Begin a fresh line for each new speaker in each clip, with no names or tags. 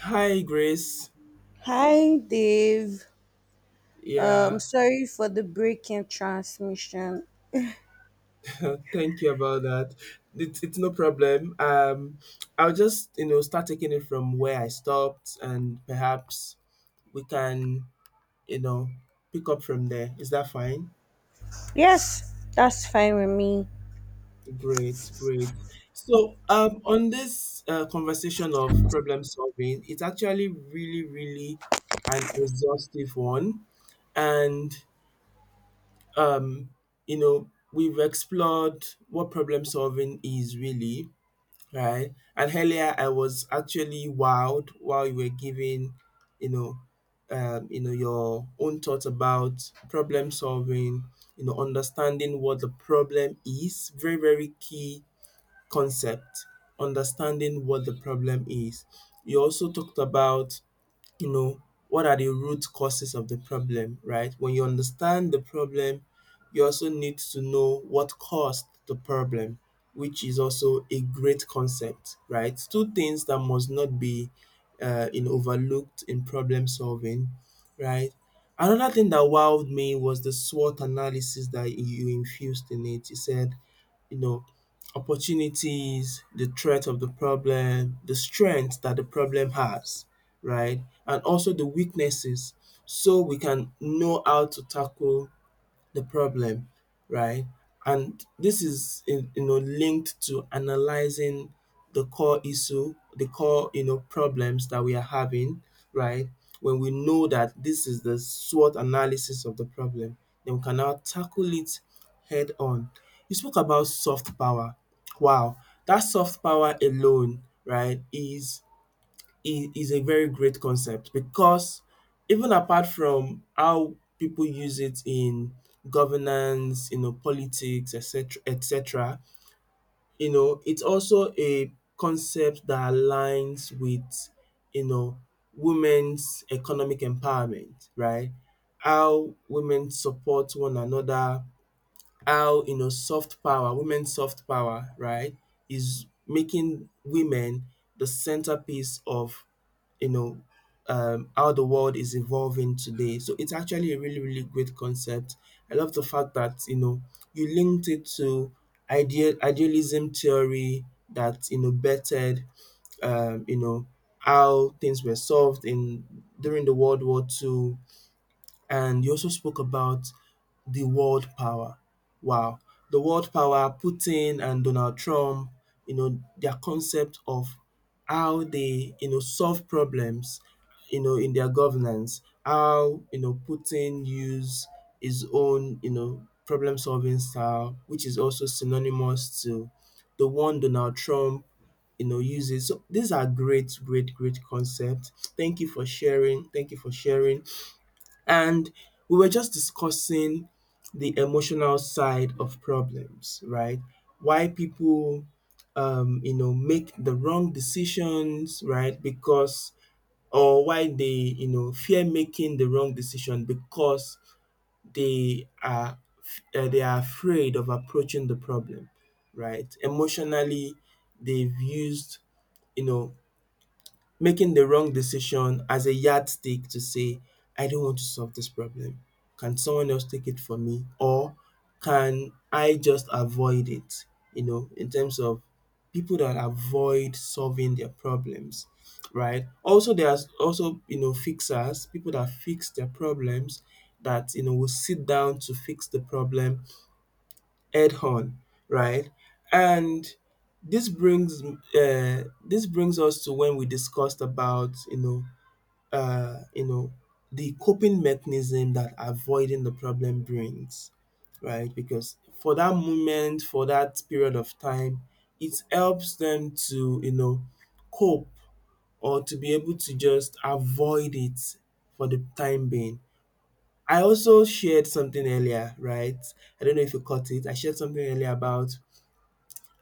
Hi, Grace.
Hi, Dave. Um,
Yeah,
sorry for the break in transmission.
thank you about that. It's no problem. I'll just start taking it from where I stopped, and perhaps we can you know pick up from there. Is that fine?
Yes, that's fine with me.
Great, great. So, on this conversation of problem solving, it's actually really, really an exhaustive one, and um, we've explored what problem solving is really, right? And earlier, I was actually wowed while you were giving, you know, your own thoughts about problem solving. Understanding what the problem is, very very key concept. Understanding what the problem is. You also talked about, you know, what are the root causes of the problem, right? When you understand the problem, you also need to know what caused the problem, which is also a great concept, right? Two things that must not be in overlooked in problem solving, right? Another thing that wowed me was the SWOT analysis that you infused in it. You said, you know, opportunities, the threat of the problem, the strength that the problem has, right? And also the weaknesses so we can know how to tackle the problem, right? And this is linked to analyzing the core issue, the core, problems that we are having, right? When we know that this is the SWOT analysis of the problem, then we can now tackle it head on. You spoke about soft power. Wow, that soft power alone, right, is is a very great concept, because even apart from how people use it in governance, politics, etc., etc., it's also a concept that aligns with, you know, women's economic empowerment, right? How women support one another, how, soft power, women's soft power, right, is making women the centerpiece of, you know how the world is evolving today. So it's actually a really really great concept. I love the fact that, you linked it to idealism theory that, bettered, um, you know how things were solved in during the World War Two, and you also spoke about the world power. Wow. The world power, Putin and Donald Trump, you know, their concept of how they, solve problems, in their governance, how, Putin use his own, problem solving style, which is also synonymous to the one Donald Trump, uses. So these are great, great, great concepts. Thank you for sharing. Thank you for sharing. And we were just discussing the emotional side of problems, right? Why people, make the wrong decisions, right? Because, or why they, fear making the wrong decision because they are, they are afraid of approaching the problem, right? Emotionally, they've used, you know, making the wrong decision as a yardstick to say, I don't want to solve this problem. Can someone else take it for me? Or can I just avoid it? In terms of people that avoid solving their problems, right? Also, there's also, fixers, people that fix their problems that, will sit down to fix the problem head on, right? And this brings us to when we discussed about, uh, you know the coping mechanism that avoiding the problem brings, right? Because for that moment, for that period of time, it helps them to cope, or to be able to just avoid it for the time being. I also shared something earlier, right? I don't know if you caught it. I shared something earlier about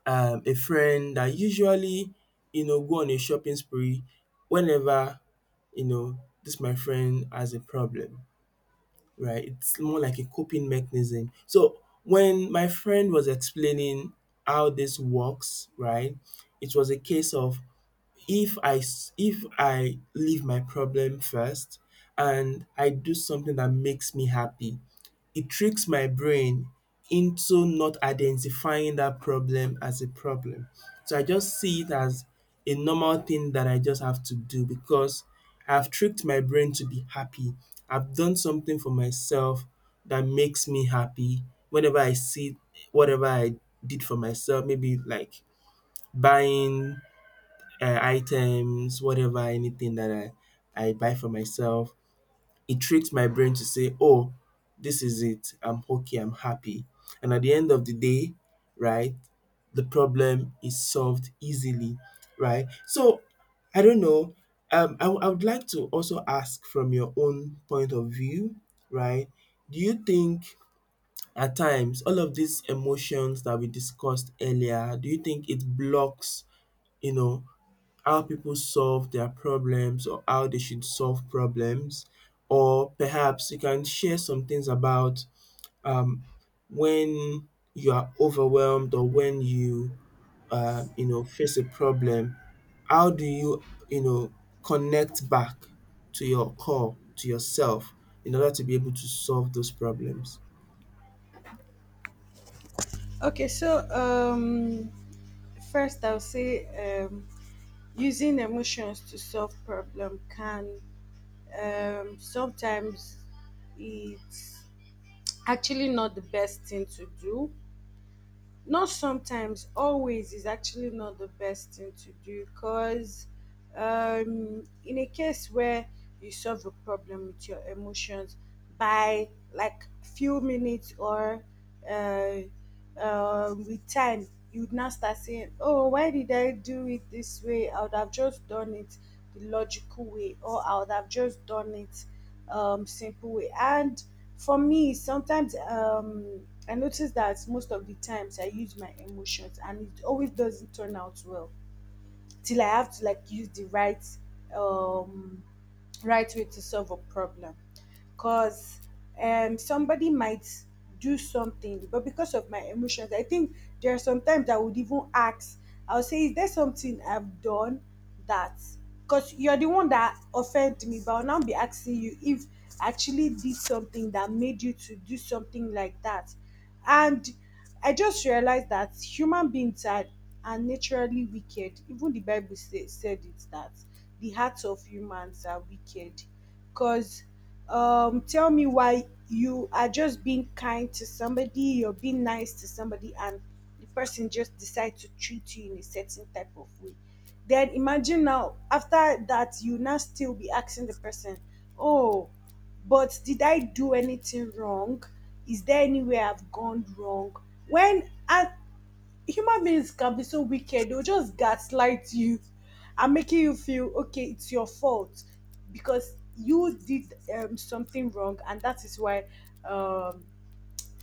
a friend that usually go on a shopping spree whenever, you know this my friend has a problem, right. It's more like a coping mechanism. So when my friend was explaining how this works, right, it was a case of, if I leave my problem first and I do something that makes me happy, it tricks my brain into not identifying that problem as a problem. So I just see it as a normal thing that I just have to do because I've tricked my brain to be happy. I've done something for myself that makes me happy, whenever I see whatever I did for myself, maybe like buying items, whatever, anything that I buy for myself. It tricks my brain to say, "Oh, this is it. I'm okay. I'm happy." And at the end of the day, right, the problem is solved easily, right? So I don't know. I would like to also ask from your own point of view, right? Do you think at times all of these emotions that we discussed earlier, do you think it blocks, you know, how people solve their problems or how they should solve problems? Or perhaps you can share some things about, um, when you are overwhelmed or when you you know face a problem. How do you you know connect back to your core, to yourself, in order to be able to solve those problems?
Okay, so first I'll say, um, using emotions to solve problem can, sometimes it's actually not the best thing to do. Not sometimes, always is actually not the best thing to do. Because in a case where you solve a problem with your emotions, by like few minutes, or uh, with time, you would now start saying, oh, why did I do it this way? I would have just done it the logical way, or I would have just done it simple way. And for me sometimes, I notice that most of the times I use my emotions and it always doesn't turn out well, till I have to like use the right um right way to solve a problem. Because somebody might do something, but because of my emotions, I think there are sometimes I would even ask. I'll say, is there something I've done that? Because you're the one that offended me, but I'll now be asking you if I actually did something that made you to do something like that. And I just realized that human beings are naturally wicked. Even the Bible say, said it, that the hearts of humans are wicked. Because tell me, why you are just being kind to somebody, you're being nice to somebody, and the person just decides to treat you in a certain type of way. Then imagine now, after that, you now still be asking the person, oh, but did I do anything wrong? Is there anywhere I've gone wrong? When human beings can be so wicked. They'll just gaslight you and making you feel okay, it's your fault because you did something wrong, and that is why um,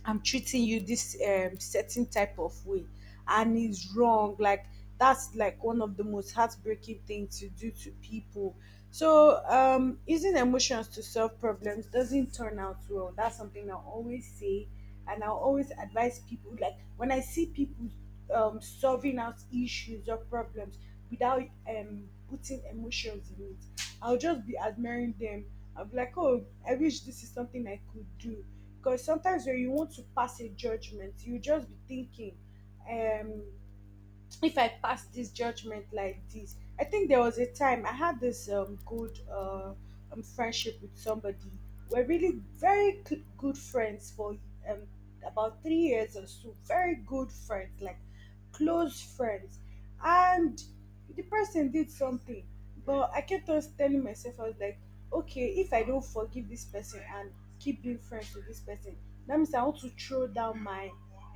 I'm treating you this certain type of way. And it's wrong. Like, that's like one of the most heartbreaking things to do to people. So, using emotions to solve problems doesn't turn out well. That's something I always say, and I always advise people. Like, when I see people solving out issues or problems without putting emotions in it, I'll just be admiring them. I'll be like, oh, I wish this is something I could do, because sometimes when you want to pass a judgment, you just be thinking, um, if I pass this judgment like this. I think there was a time I had this good friendship with somebody. We're really very good friends for um, about 3 years or so. Very good friends, like close friends. And the person did something, but I kept on telling myself. I was like, okay, if I don't forgive this person and keep being friends with this person, that means I want to throw down my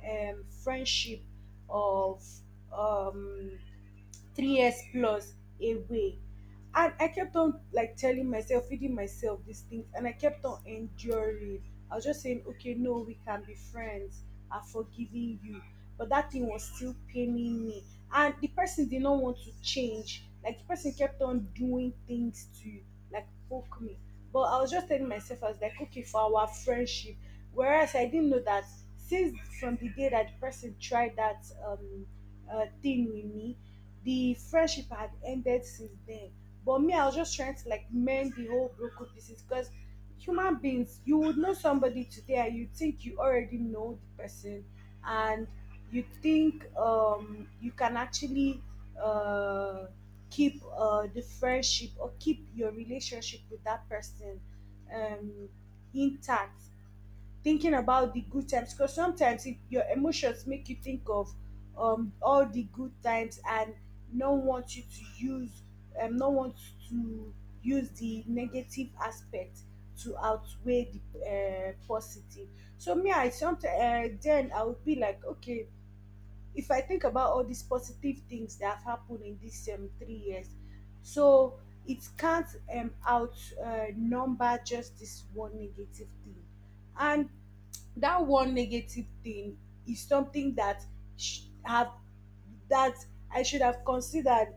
friendship of um, 3 years plus away. And I kept on like telling myself, feeding myself these things, and I kept on enduring. I was just saying, okay, no, we can be friends, I'm forgiving you, but that thing was still paining me. And the person did not want to change. Like, the person kept on doing things to like poke me, but I was just telling myself, I was like, okay, for our friendship. Whereas I didn't know that since from the day that the person tried that thing with me, the friendship had ended since then. But me, I was just trying to like mend the whole broken pieces, because human beings, you would know somebody today and you think you already know the person, and you think you can actually uh keep the friendship or keep your relationship with that person um intact, thinking about the good times. Because sometimes it, your emotions make you think of all the good times, and no one want you to use no want to use the negative aspect to outweigh the positive. So me, I sometimes, then I would be like, okay, if I think about all these positive things that have happened in these 3 years, so it can't out number just this one negative thing. And that one negative thing is something that sh- have that I should have considered,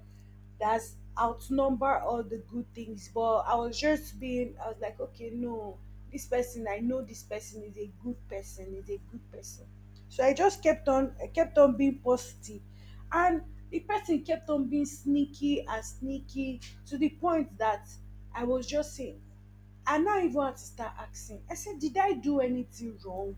that's outnumber all the good things. But I was just being, I was like, okay, no, this person, I know this person is a good person, is a good person. So I just kept on, I kept on being positive, and the person kept on being sneaky and sneaky to the point that I was just saying, I now even had to start asking. I said, did I do anything wrong?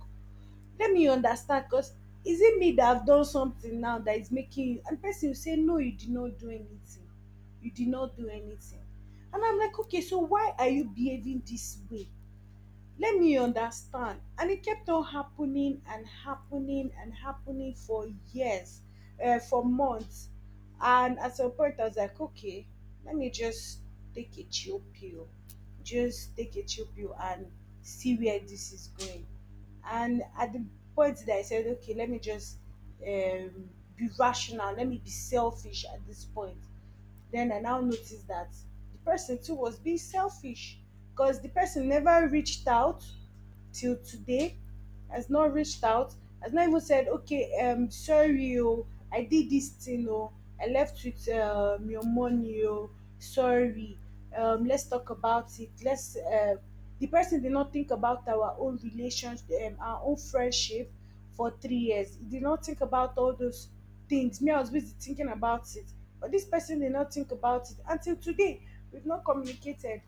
Let me understand, because is it me that have done something now that is making you? And person will say, no, you did not do anything. You did not do anything. And I'm like, okay, so why are you behaving this way? Let me understand. And it kept on happening and happening and happening for years, for months. And at some point I was like, okay, let me just take a chill pill, just take a chill pill, and see where this is going. And at the point that I said, okay, let me just um, be rational, let me be selfish at this point, then I now noticed that the person too was being selfish. Because the person never reached out till today, has not reached out, has not even said, okay, sorry, oh, I did this thing, oh, I left with your money, oh, sorry, let's talk about it. Let's. The person did not think about our own relations, our own friendship for 3 years. He did not think about all those things. Me, I was busy thinking about it, but this person did not think about it until today. We've not communicated.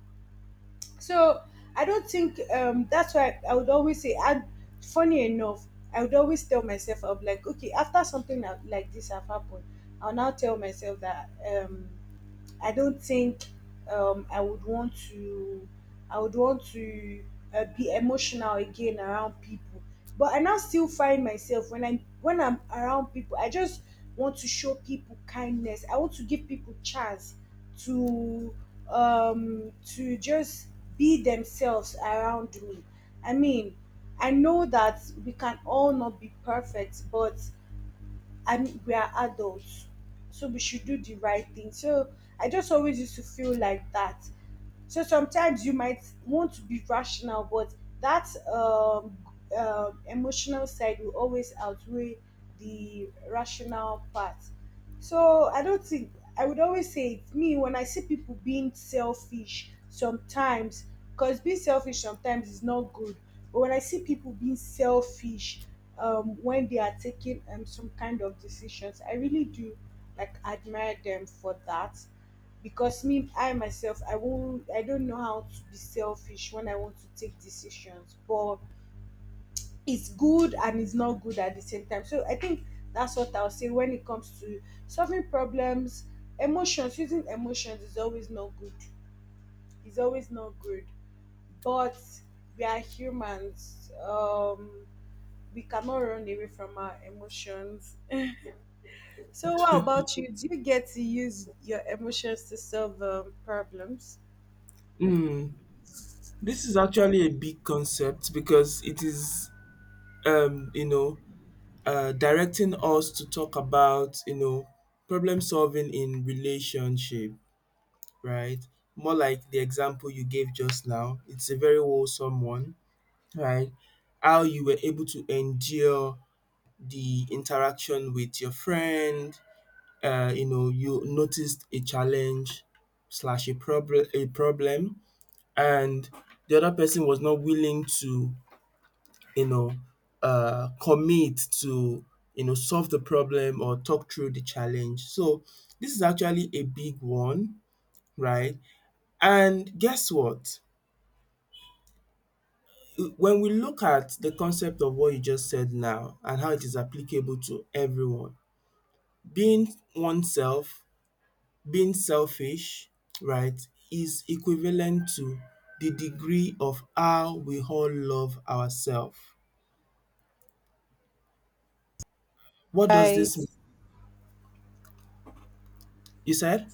So I don't think that's why I would always say. And funny enough, I would always tell myself, I'm like, okay, after something like this have happened, I'll now tell myself that. I don't think I would want to. I would want to be emotional again around people. But I now still find myself when I'm around people, I just want to show people kindness. I want to give people chance to to just be themselves around me. I mean, I know that we can all not be perfect, but I mean, we are adults, so we should do the right thing. So I just always used to feel like that. So sometimes you might want to be rational, but that emotional side will always outweigh the rational part. So I don't think, I would always say, it's me when I see people being selfish sometimes, because being selfish sometimes is not good. But when I see people being selfish, when they are taking some kind of decisions, I really do like admire them for that. Because me, I myself, I won't, I don't know how to be selfish when I want to take decisions, but it's good and it's not good at the same time. So I think that's what I'll say when it comes to solving problems. Emotions, using emotions is always not good. It's always not good. But we are humans. We cannot run away from our emotions. So, what about you? Do you get to use your emotions to solve problems?
Mm, this is actually a big concept, because it is, um, you know directing us to talk about, problem solving in relationship, right. More like the example you gave just now, it's a very wholesome one, right. How you were able to endure the interaction with your friend, you noticed a challenge slash a problem, a problem. And the other person was not willing to, you know, commit to, solve the problem or talk through the challenge. So this is actually a big one, right? And guess what? When we look at the concept of what you just said now and how it is applicable to everyone, being oneself, being selfish, right, is equivalent to the degree of how we all love ourselves. What does
Right.
this mean? You said?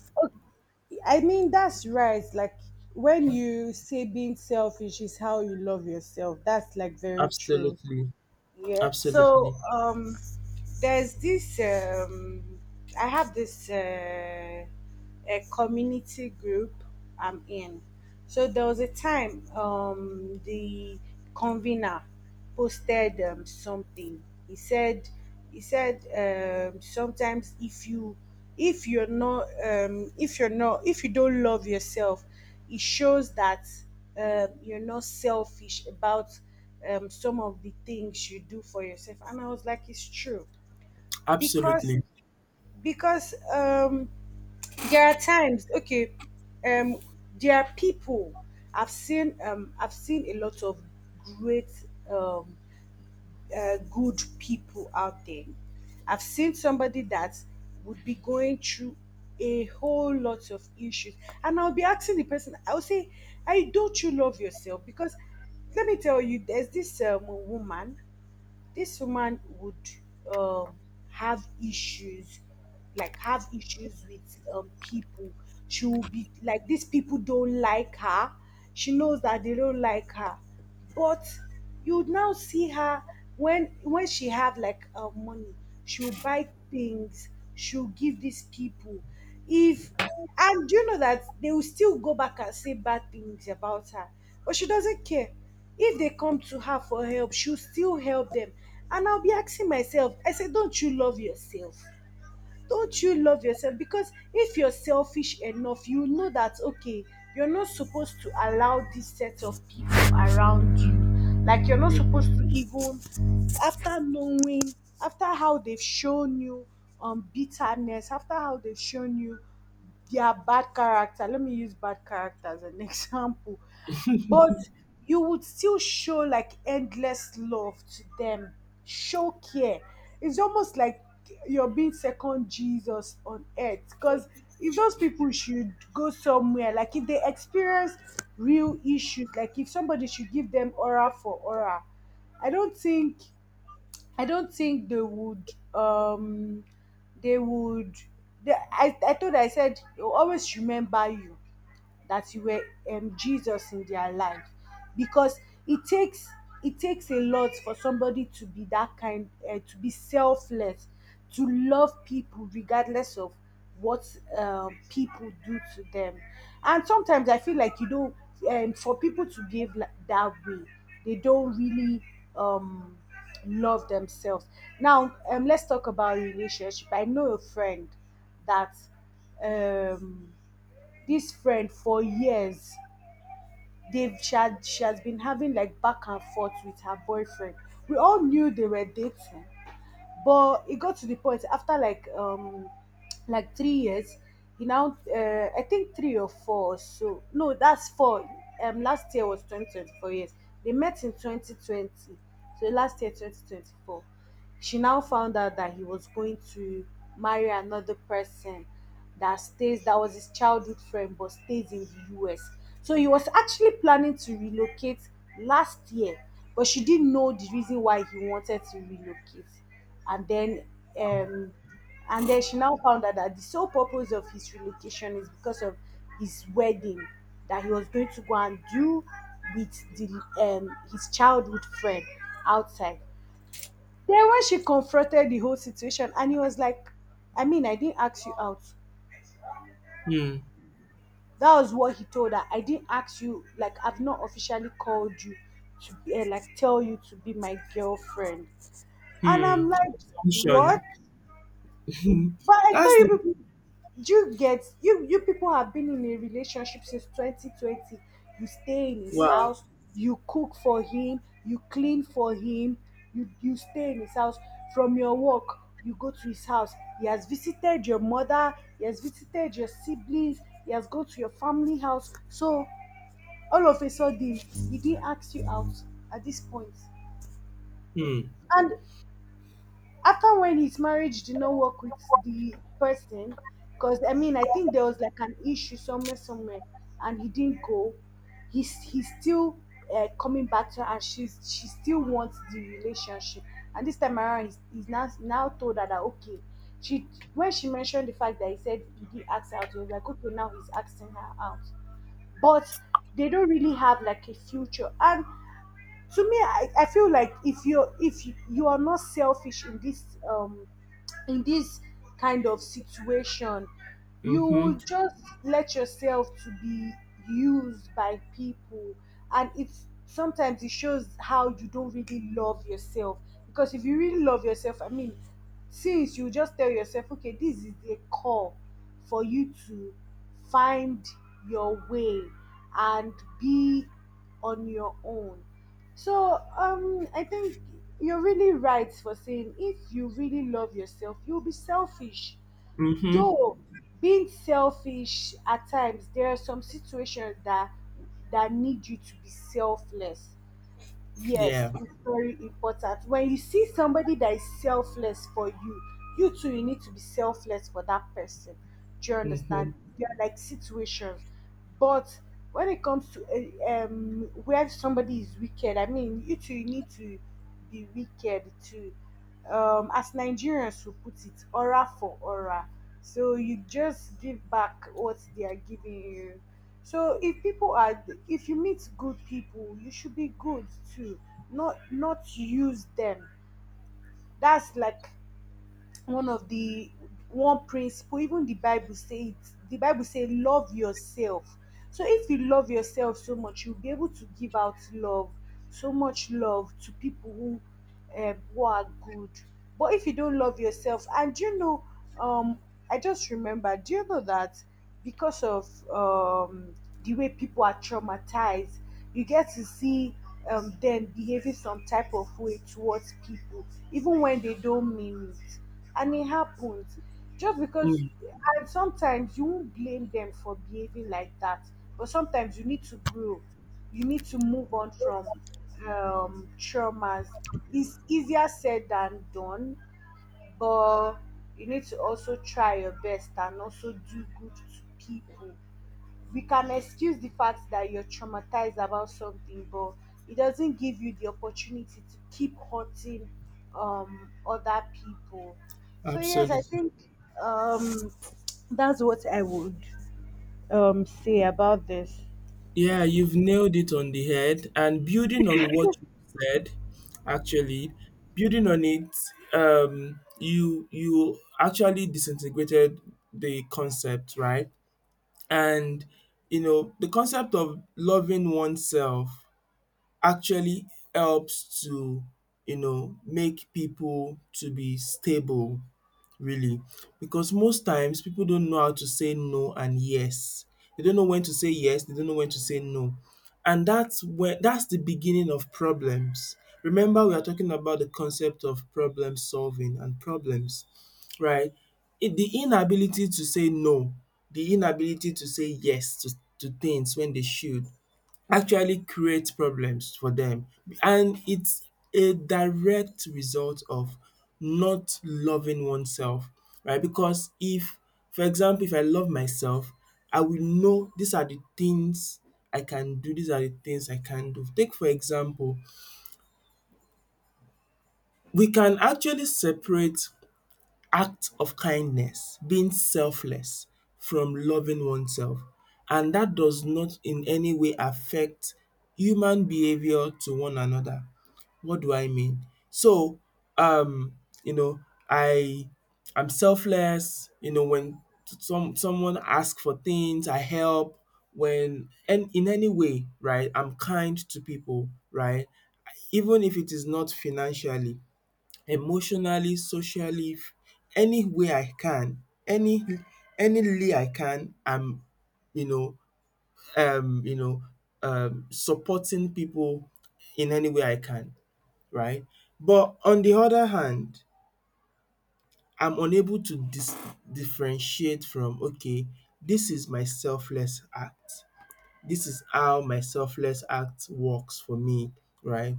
I mean, that's right. Like, when you say being selfish is how you love yourself, that's like very true.
Absolutely.
Yeah.
Absolutely,
So there's this. I have this a community group I'm in. So there was a time, the convener posted something. He said sometimes, if you if you don't love yourself, it shows that you're not selfish about some of the things you do for yourself. And I was like, it's true. Because
absolutely.
because um, there are times, okay, um, there are people I've seen, I've seen a lot of great um, good people out there. I've seen somebody that would be going through a whole lot of issues, and I'll be asking the person, I'll say, I don't you love yourself? Because let me tell you, there's this woman. This woman would um, have issues, like have issues with people. She will be like, these people don't like her. She knows that they don't like her. But you would now see her, when she have like money, she'll buy things, she'll give these people. If, and do you know that they will still go back and say bad things about her? But she doesn't care. If they come to her for help, she'll still help them. And I'll be asking myself, I say, don't you love yourself? Don't you love yourself? Because if you're selfish enough, you know that, okay, you're not supposed to allow this set of people around you. Like, you're not supposed to even after knowing, after how they've shown you bitterness, after how they've shown you their bad character. Let me use bad character as an example. But you would still show like endless love to them, show care. It's almost like you're being second Jesus on earth. Because if those people should go somewhere, like if they experience real issues, like if somebody should give them aura for aura, I don't think I don't think they would. They would. I thought I said, "They'll always remember you that you were Jesus in their life because it takes it takes a lot for somebody to be that kind to be selfless to love people regardless of what people do to them. And sometimes I feel like for people to behave like that way, they don't really um, love themselves. Now, let's talk about relationship. I know a friend that, um, this friend for years, they've she has been having like back and forth with her boyfriend. We all knew they were dating, but it got to the point after like 3 years. He now, I think three or four. So no, that's four. Last year was 2024 years. They met in 2020. So last year 2024, she now found out that he was going to marry another person that was his childhood friend but stays in the US. So he was actually planning to relocate last year, but she didn't know the reason why he wanted to relocate. And then um and then she now found out that the sole purpose of his relocation is because of his wedding that he was going to go and do with the his childhood friend outside. Then when she confronted the whole situation and he was like, I mean, I didn't ask you out.
Hmm,
That was what he told her. I didn't ask you, like I've not officially called you to be, eh, like tell you to be my girlfriend. And I'm
hmm.
like, what?
Assumption.
But I thought
That's the
you people, do you get you people have been in a relationship since 2020. You stay in his
wow.
house, you cook for him, you clean for him, you stay in his house from your work. You go to his house. He has visited your mother. He has visited your siblings. He has gone to your family house. So all of a sudden, he didn't ask you out at this point.
Hmm.
And after when his marriage did not work with the person, because I mean, I think there was like an issue somewhere, somewhere, and he didn't go. He's still coming back to her, and she still wants the relationship. And this time around, he's now now told her that okay, she, when she mentioned the fact that he said he did ask her out, he was like okay, now he's asking her out, but they don't really have like a future. And to me, I feel like if you, you are not selfish in this kind of situation, you
Mm-hmm.
would just let yourself to be used by people. And it's sometimes it shows how you don't really love yourself. Because if you really love yourself, I mean, since you just tell yourself okay, this is a call for you to find your way and be on your own. So I think you're really right for saying if you really love yourself, you'll be selfish.
Mm-hmm.
Though being selfish at times, there are some situations that need you to be selfless.
Yeah.
Yes, it's very important. When you see somebody that is selfless for you, you need to be selfless for that person. Do you
Mm-hmm.
understand? There are like situations. But when it comes to where somebody is wicked, I mean, you need to be wicked too. As Nigerians will put it, aura for aura. So you just give back what they are giving you. So if people are, if you meet good people, you should be good too, not use them. That's like one of the one principle. Even the bible say it, the bible say love yourself. So if you love yourself so much, you'll be able to give out love, so much love to people who are good. But if you don't love yourself, and you know um I just remember, do you know that because of um, the way people are traumatized, you get to see them behaving some type of way towards people, even when they don't mean it. And it happens just because,
Mm.
and sometimes you won't blame them for behaving like that, but sometimes you need to grow, you need to move on from traumas. It's easier said than done, but you need to also try your best and also do good to people. We can excuse the fact that you're traumatized about something, but it doesn't give you the opportunity to keep hurting other people. So, yes, I
Absolutely.
think um, that's what I would say about this.
Yeah, you've nailed it on the head. And building on what you said, actually, building on it, you actually disintegrated the concept, right? And, the concept of loving oneself actually helps to, make people to be stable, really, because most times people don't know how to say no and yes, they don't know when to say yes, they don't know when to say no, and that's the beginning of problems. Remember, we are talking about the concept of problem solving and problems, right. It, the inability to say no, the inability to say yes to, things when they should actually create problems for them, and it's a direct result of not loving oneself, right, because if, for example, if I love myself, I will know these are the things I can do, these are the things I can do. Take for example, we can actually separate act of kindness, being selfless, from loving oneself. And that does not in any way affect human behavior to one another. What do I mean? So, um, you know, I I'm selfless, when someone asks for things, I help when and in any way, right? I'm kind to people, right? Even if it is not financially, emotionally, socially, any way I can, anyway I can, I'm, you know, um, you know, supporting people in any way I can, right? But on the other hand, I'm unable to differentiate from, okay, this is my selfless act. This is how my selfless act works for me, right?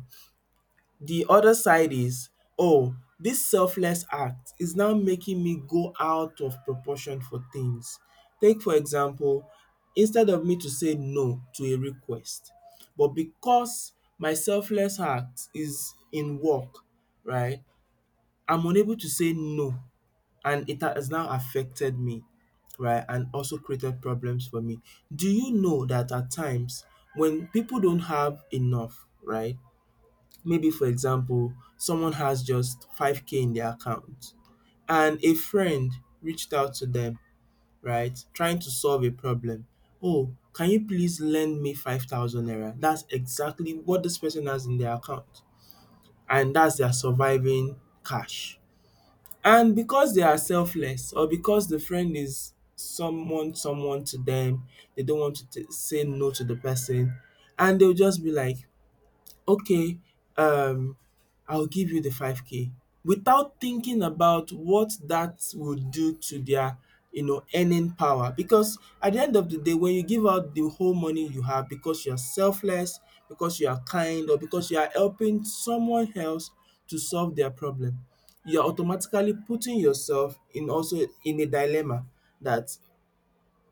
The other side is, oh, this selfless act is now making me go out of proportion for things. Take for example, instead of me to say no to a request, but because my selfless act is in work, right, I'm unable to say no, and it has now affected me, right, and also created problems for me. Do you know that at times when people don't have enough, right, maybe, for example, someone has just 5K in their account and a friend reached out to them, right, trying to solve a problem. Oh, can you please lend me 5,000 naira? That's exactly what this person has in their account, and that's their surviving cash. And because they are selfless or because the friend is someone, someone to them, they don't want to say no to the person, and they'll just be like, okay. um, I'll give you the 5K without thinking about what that would do to their earning power. Because at the end of the day, when you give out the whole money you have, because you are selfless, because you are kind, or because you are helping someone else to solve their problem, you are automatically putting yourself in, also in a dilemma, that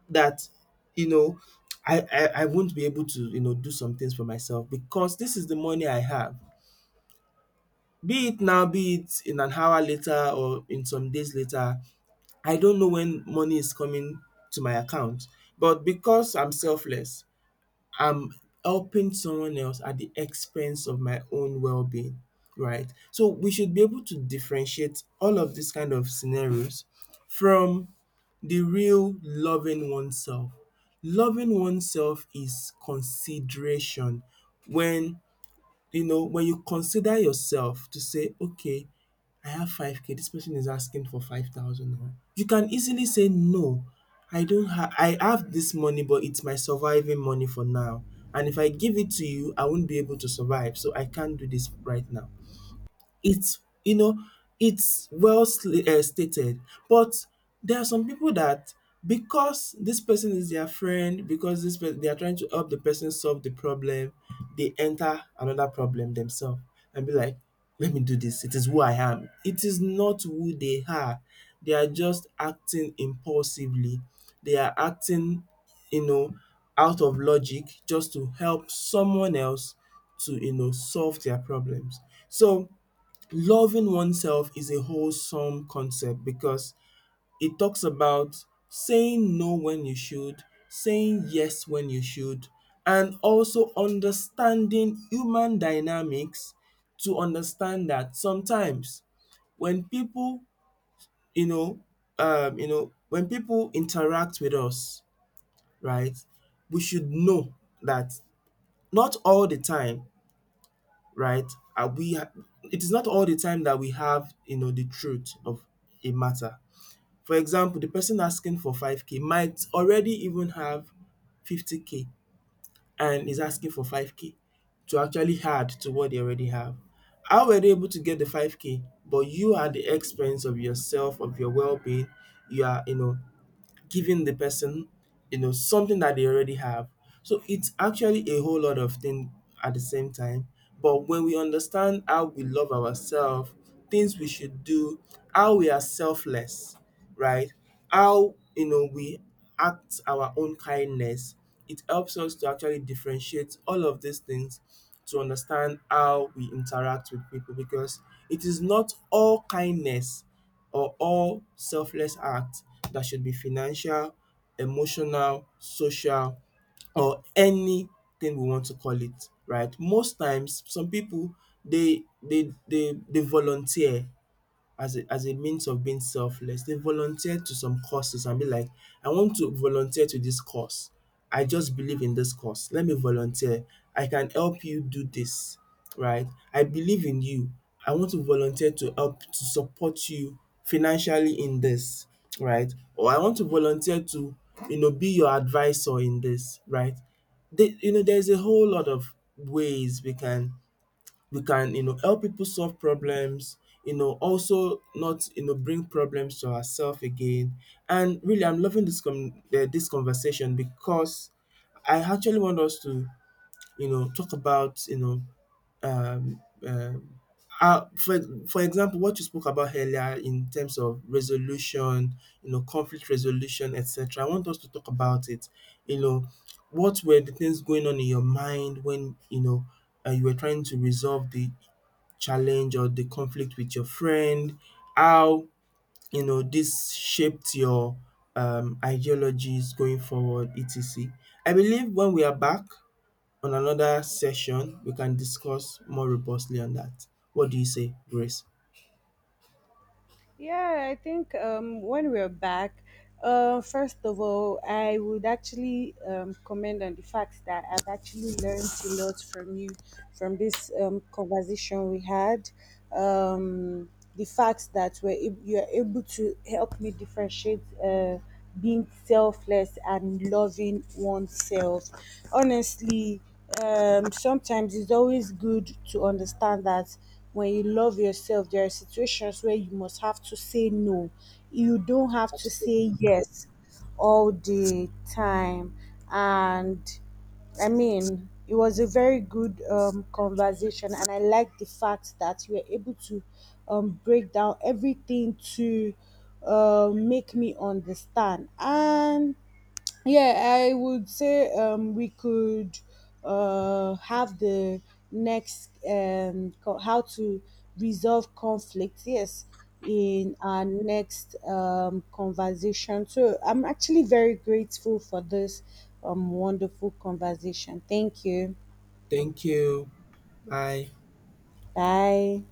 that you know I won't be able to do some things for myself, because this is the money I have. Be it now, be it in an hour later, or in some days later, I don't know when money is coming to my account. But because I'm selfless, I'm helping someone else at the expense of my own well-being, right? So we should be able to differentiate all of these kind of scenarios from the real loving oneself. Loving oneself is consideration. When when you consider yourself to say, okay, I have 5K, this person is asking for 5,000 naira. You can easily say, no, I don't have, I have this money, but it's my surviving money for now. And if I give it to you, I won't be able to survive. So I can't do this right now. It's you know it's well stated, but there are some people that, because this person is their friend, because this person, they are trying to help the person solve the problem, they enter another problem themselves, and be like, let me do this. It is who I am. It is not who they are. They are just acting impulsively. They are acting, you know out of logic, just to help someone else to solve their problems. So loving oneself is a wholesome concept, because it talks about saying no when you should, saying yes when you should, and also understanding human dynamics, to understand that sometimes when people, you know, you know, when people interact with us, right, we should know that not all the time, right? Are we it is not all the time that we have, the truth of a matter. For example, the person asking for 5K might already even have 50K and is asking for 5K to actually add to what they already have. How were they able to get the 5K? But you are, the expense of yourself, of your well-being. You are, giving the person, something that they already have. So it's actually a whole lot of things at the same time. But when we understand how we love ourselves, things we should do, how we are selfless, right? How we act our own kindness, it helps us to actually differentiate all of these things, to understand how we interact with people, because it is not all kindness or all selfless acts that should be financial, emotional, social, or anything we want to call it, right. Most times, some pipu dey dey dey dey volunteer as a means of being selfless. They volunteer to some causes and be like, I want to volunteer to this cause. I just believe in this cause. Let me volunteer. I can help you do this, right? I believe in you. I want to volunteer to help to support you financially in this, right? Or I want to volunteer to, be your advisor in this, right? There's a whole lot of ways we can we can help people solve problems, also not bring problems to ourselves again. And really, I'm loving this conversation, because I actually want us to talk about, um, um how, for, for example, what you spoke about earlier in terms of resolution, conflict resolution, etc. I want us to talk about it, you know what were the things going on in your mind when you were trying to resolve the challenge or the conflict with your friend, how this shaped your ideologies going forward, etc. I believe when we are back on another session, we can discuss more robustly on that. What do you say, Grace?
Yeah, I think when we're back, first of all, I would actually comment on the fact that I've actually learned a lot from you, from this conversation we had. Um, the fact that you're able to help me differentiate being selfless and loving oneself. Honestly, sometimes it's always good to understand that when you love yourself, there are situations where you must have to say no. You don't have to say
Absolutely.
yes all the time. And I mean, it was a very good conversation, and I like the fact that you were able to break down everything to make me understand. And yeah, I would say we could have the next how to resolve conflict. Yes, in our next conversation. So I'm actually very grateful for this wonderful conversation. Thank you.
Thank you. Bye.
Bye.